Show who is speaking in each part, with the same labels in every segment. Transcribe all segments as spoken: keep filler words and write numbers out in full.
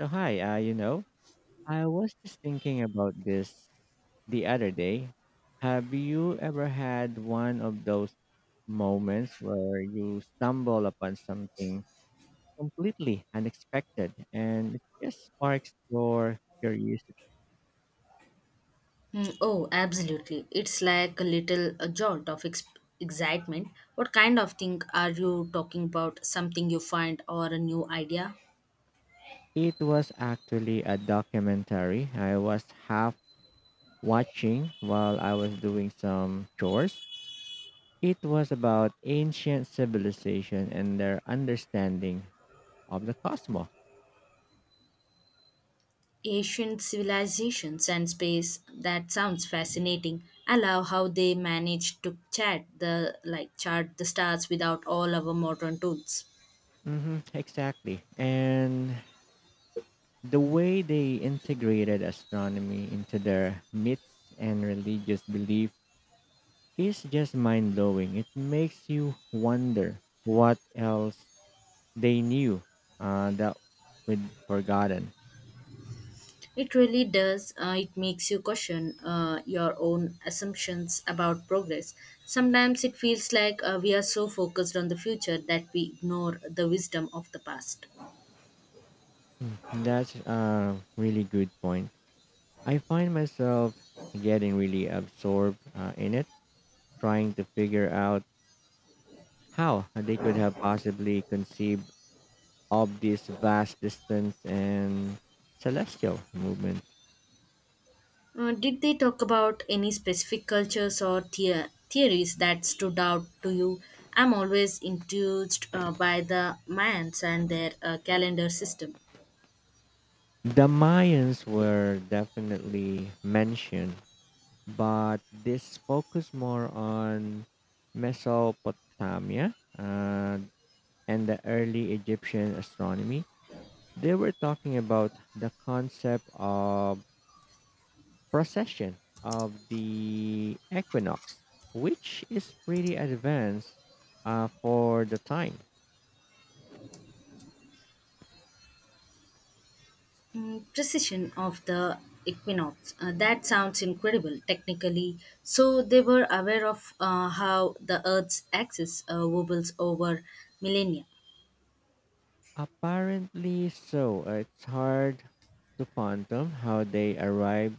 Speaker 1: So hi, uh, you know, I was just thinking about this the other day. Have you ever had one of those moments where you stumble upon something completely unexpected and it just sparks your curiosity?
Speaker 2: Mm, oh, absolutely. It's like a little a jolt of ex- excitement. What kind of thing are you talking about? Something you find or a new idea?
Speaker 1: It was actually a documentary I was half watching while I was doing some chores. It was about ancient civilization and their understanding of the cosmos.
Speaker 2: Ancient civilizations and space. That sounds fascinating. I love how they managed to chat the like chart the stars without all our modern tools.
Speaker 1: Hmm, exactly. And the way they integrated astronomy into their myths and religious belief is just mind blowing. It makes you wonder what else they knew, uh, that we'd forgotten.
Speaker 2: It really does. Uh, it makes you question uh, your own assumptions about progress. Sometimes it feels like uh, we are so focused on the future that we ignore the wisdom of the past.
Speaker 1: That's a really good point. I find myself getting really absorbed, uh, in it, trying to figure out how they could have possibly conceived of this vast distance and celestial movement.
Speaker 2: Uh, did they talk about any specific cultures or the- theories that stood out to you? I'm always enthused uh, by the Mayans and their uh, calendar system.
Speaker 1: The Mayans were definitely mentioned, but this focused more on Mesopotamia, uh, and the early Egyptian astronomy. They were talking about the concept of precession of the equinox, which is pretty advanced uh, for the time.
Speaker 2: Mm, precision of the equinox. Uh, that sounds incredible technically. So they were aware of uh, how the Earth's axis uh, wobbles over millennia.
Speaker 1: Apparently so. It's hard to fathom how they arrived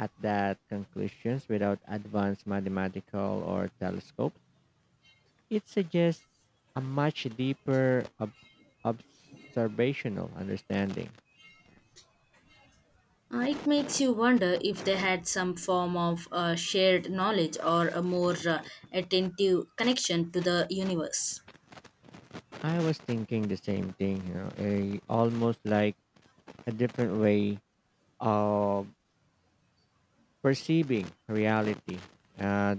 Speaker 1: at that conclusions without advanced mathematical or telescopes. It suggests a much deeper ob- observational understanding.
Speaker 2: Uh, it makes you wonder if they had some form of uh, shared knowledge or a more uh, attentive connection to the universe.
Speaker 1: I was thinking the same thing, you know, a, almost like a different way of perceiving reality. Uh,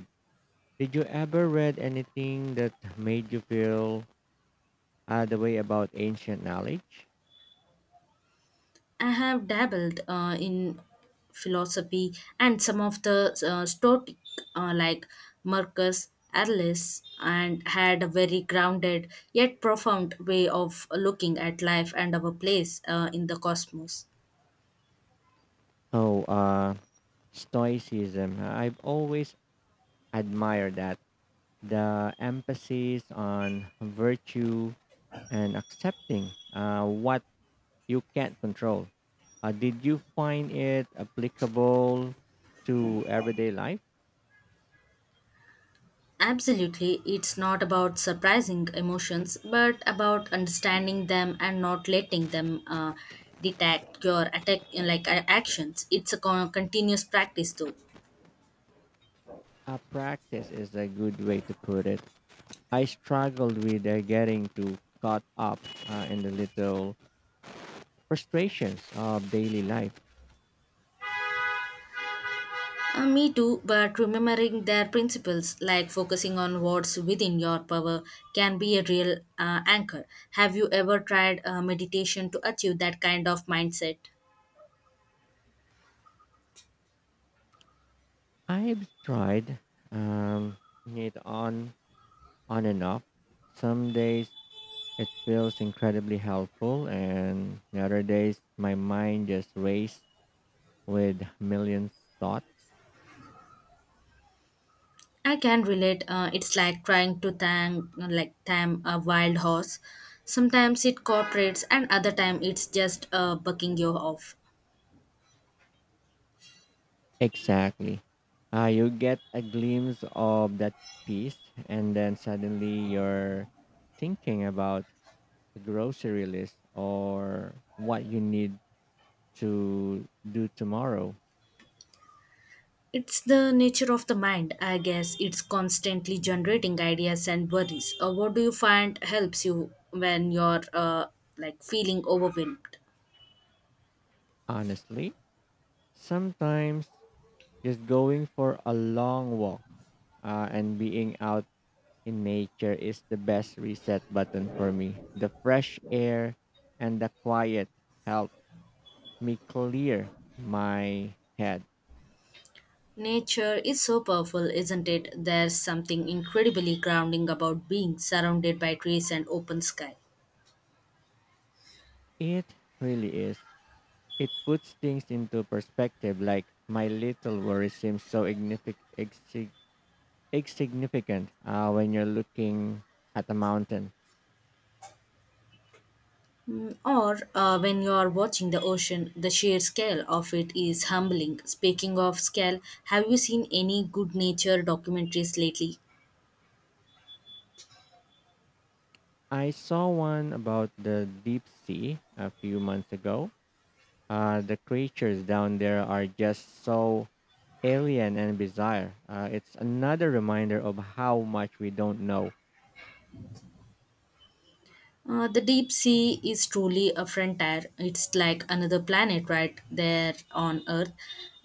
Speaker 1: did you ever read anything that made you feel uh, the way about ancient knowledge.
Speaker 2: I have dabbled uh, in philosophy and some of the uh, Stoic, uh, like Marcus Aurelius, and had a very grounded yet profound way of looking at life and our place uh, in the cosmos.
Speaker 1: Oh, uh, Stoicism. I've always admired that. The emphasis on virtue and accepting, uh, what you can't control. Uh, did you find it applicable to everyday life?
Speaker 2: Absolutely, it's not about surprising emotions, but about understanding them and not letting them uh, detect your attack like uh, actions. It's a con- continuous practice, though.
Speaker 1: A practice is a good way to put it. I struggled with, uh, getting too caught up, uh, in the little frustrations of daily life.
Speaker 2: Uh, me too, but remembering their principles, like focusing on what's within your power, can be a real uh, anchor. Have you ever tried uh, meditation to achieve that kind of mindset?
Speaker 1: I've tried, um, it on on and off. Some days it feels incredibly helpful, and the other days my mind just races with millions thoughts.
Speaker 2: I can relate. Uh, it's like trying to thank, like tame a wild horse. Sometimes it cooperates, and other time it's just uh, bucking you off.
Speaker 1: Exactly. Uh, you get a glimpse of that piece, and then suddenly you're thinking about the grocery list or what you need to do tomorrow.
Speaker 2: It's the nature of the mind, I guess. It's constantly generating ideas and worries. Uh, what do you find helps you when you're uh, like feeling overwhelmed?
Speaker 1: Honestly, sometimes just going for a long walk uh, and being out in nature is the best reset button for me. The fresh air and the quiet help me clear my head.
Speaker 2: Nature is so powerful, isn't it? There's something incredibly grounding about being surrounded by trees and open sky.
Speaker 1: It really is. It puts things into perspective, like my little worry seems so ignific- exig- insignificant uh, when you're looking at a mountain.
Speaker 2: Mm, or uh, when you are watching the ocean, the sheer scale of it is humbling. Speaking of scale, have you seen any good nature documentaries lately?
Speaker 1: I saw one about the deep sea a few months ago. Uh, the creatures down there are just so alien and bizarre. Uh, it's another reminder of how much we don't know.
Speaker 2: Uh, the deep sea is truly a frontier. It's like another planet right there on Earth,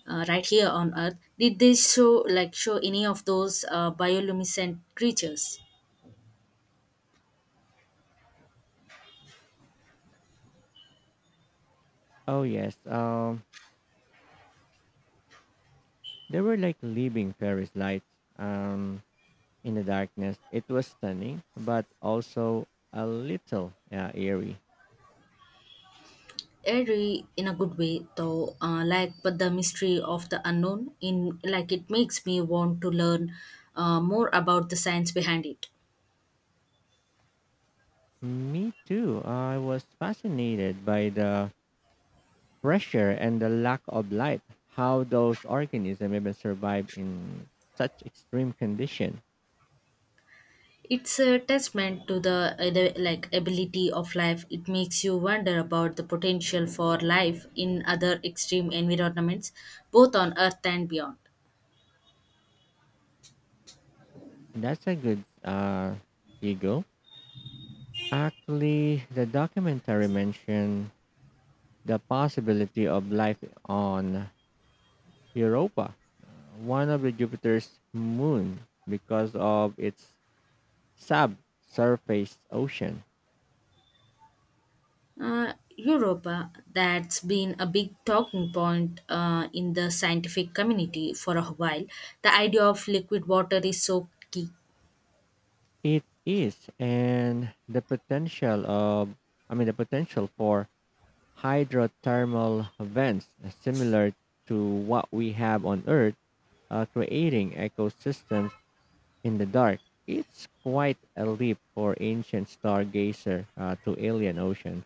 Speaker 2: uh, right here on Earth. Did they show like show any of those uh, bioluminescent creatures?
Speaker 1: Oh yes, um, they were like living Paris lights, um, in the darkness. It was stunning, but also a little uh, eerie.
Speaker 2: Eerie in a good way though, uh, like but the mystery of the unknown in like it makes me want to learn uh, more about the science behind it.
Speaker 1: Me too. I was fascinated by the pressure and the lack of light. How those organisms even survive in such extreme conditions.
Speaker 2: It's a testament to the, uh, the like ability of life. It makes you wonder about the potential for life in other extreme environments, both on Earth and beyond.
Speaker 1: That's a good uh ego. Actually, the documentary mentioned the possibility of life on Europa, uh, one of the Jupiter's moon, because of its subsurface ocean.
Speaker 2: Uh, Europa, that's been a big talking point uh, in the scientific community for a while. The idea of liquid water is so key.
Speaker 1: It is, and the potential of, I mean, the potential for hydrothermal vents, uh, similar to what we have on Earth, uh, creating ecosystems in the dark. It's quite a leap for ancient stargazer uh, to alien ocean.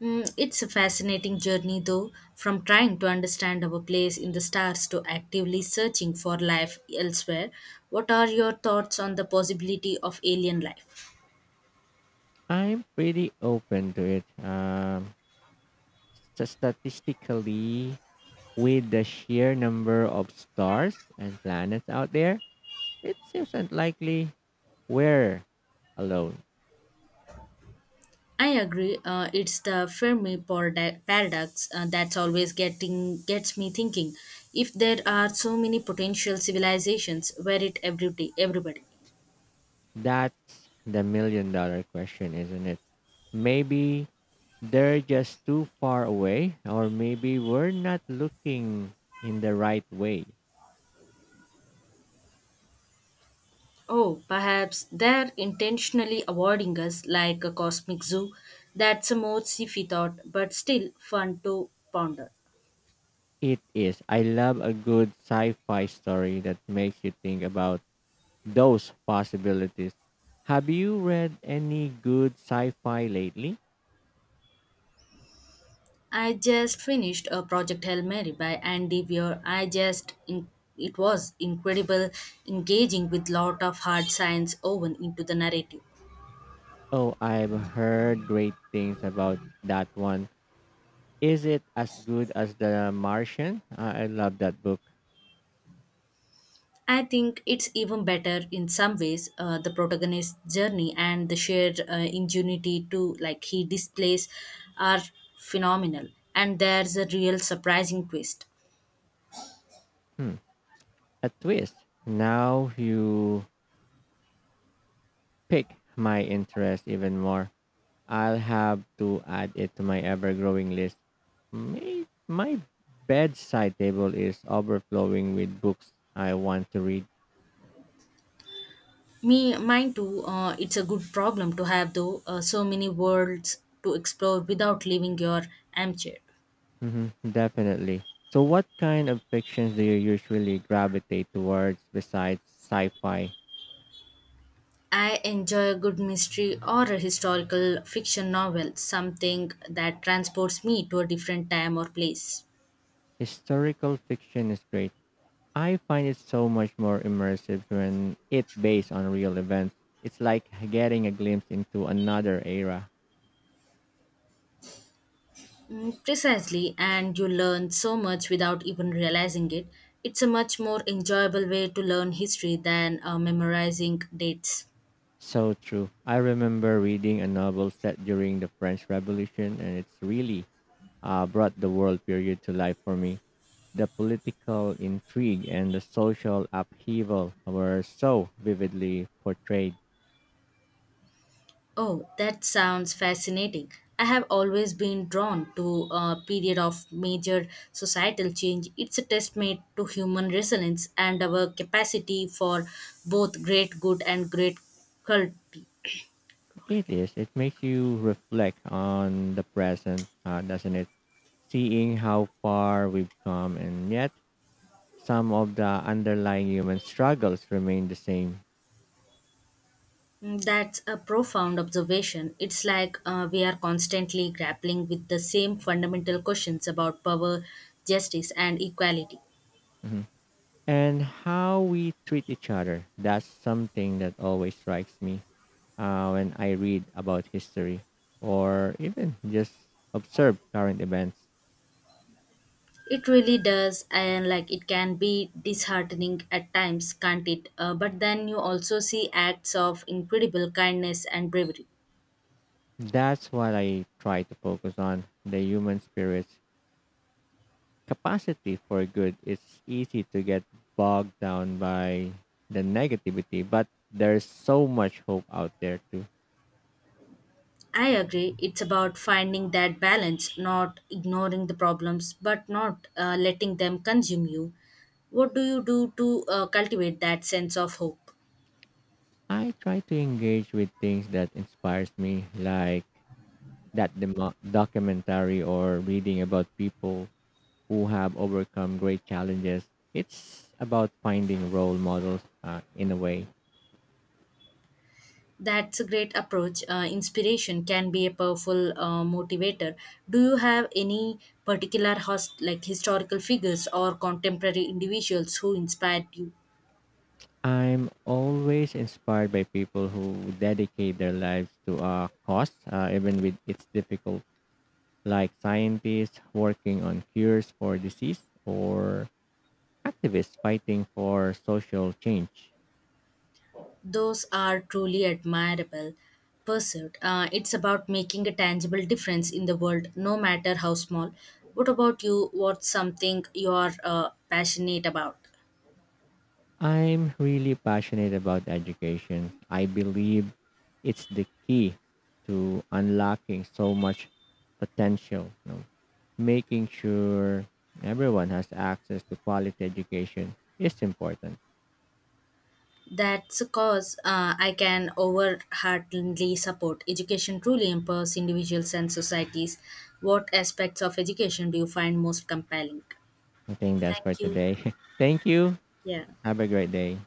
Speaker 2: Mm, it's a fascinating journey, though, from trying to understand our place in the stars to actively searching for life elsewhere. What are your thoughts on the possibility of alien life?
Speaker 1: I'm pretty open to it. Um, s- statistically, with the sheer number of stars and planets out there, it seems unlikely we're alone.
Speaker 2: I agree. Uh, it's the Fermi parada- paradox uh, that's always getting gets me thinking. If there are so many potential civilizations, where it every day, everybody.
Speaker 1: That's the million dollar question, isn't it? Maybe they're just too far away, or maybe we're not looking in the right way.
Speaker 2: Oh, perhaps they're intentionally avoiding us like a cosmic zoo. That's a more sci-fi thought, but still fun to ponder.
Speaker 1: It is. I love a good sci-fi story that makes you think about those possibilities. Have you read any good sci-fi lately?
Speaker 2: I just finished a Project Hail Mary by Andy Weir. I just in, it was incredible, engaging with lot of hard science woven into the narrative.
Speaker 1: Oh, I've heard great things about that one. Is it as good as The Martian? I I love that book.
Speaker 2: I think it's even better in some ways uh, the protagonist's journey and the shared uh, ingenuity to like he displays are phenomenal, and there's a real surprising twist.
Speaker 1: Hmm. A twist. Now you pick my interest even more. I'll have to add it to my ever growing list. My, my bedside table is overflowing with books I want to read.
Speaker 2: Me mine too, uh, it's a good problem to have though, uh, so many worlds to explore without leaving your armchair.
Speaker 1: Mhm, definitely. So, what kind of fictions do you usually gravitate towards besides sci fi?
Speaker 2: I enjoy a good mystery or a historical fiction novel, something that transports me to a different time or place.
Speaker 1: Historical fiction is great. I find it so much more immersive when it's based on real events. It's like getting a glimpse into another era.
Speaker 2: Mm, precisely, and you learn so much without even realizing it. It's a much more enjoyable way to learn history than uh, memorizing dates.
Speaker 1: So true. I remember reading a novel set during the French Revolution, and it's really uh, brought the world period to life for me. The political intrigue and the social upheaval were so vividly portrayed.
Speaker 2: Oh, that sounds fascinating. I have always been drawn to a period of major societal change. It's a testament to human resilience and our capacity for both great good and great cult.
Speaker 1: It is. It makes you reflect on the present, uh, doesn't it? Seeing how far we've come, and yet some of the underlying human struggles remain the same.
Speaker 2: Mm, that's a profound observation. It's like uh, we are constantly grappling with the same fundamental questions about power, justice, and equality.
Speaker 1: Mhm. And how we treat each other. That's something that always strikes me uh, when I read about history or even just observe current events.
Speaker 2: It really does, and like it can be disheartening at times, can't it? Uh, but then you also see acts of incredible kindness and bravery.
Speaker 1: That's what I try to focus on, the human spirit capacity for good. It's easy to get bogged down by the negativity, but there's so much hope out there too.
Speaker 2: I agree. It's about finding that balance, not ignoring the problems, but not uh, letting them consume you. What do you do to uh, cultivate that sense of hope?
Speaker 1: I try to engage with things that inspires me, like that demo- documentary, or reading about people who have overcome great challenges. It's about finding role models, uh, in a way.
Speaker 2: That's a great approach. Uh, inspiration can be a powerful uh, motivator. Do you have any particular host, like historical figures or contemporary individuals who inspired you?
Speaker 1: I'm always inspired by people who dedicate their lives to a cause, uh, even with its difficult, like scientists working on cures for disease or activists fighting for social change.
Speaker 2: Those are truly admirable. Pursuit. Uh, it's about making a tangible difference in the world, no matter how small. What about you? What's something you are uh, passionate about?
Speaker 1: I'm really passionate about education. I believe it's the key to unlocking so much potential, you know, making sure everyone has access to quality education is important.
Speaker 2: That's a cause uh, I can overheartedly support. Education truly empowers individuals and societies. What aspects of education do you find most compelling?
Speaker 1: I think that's for
Speaker 2: Thank you.
Speaker 1: today. Thank you.
Speaker 2: Yeah.
Speaker 1: Have a great day.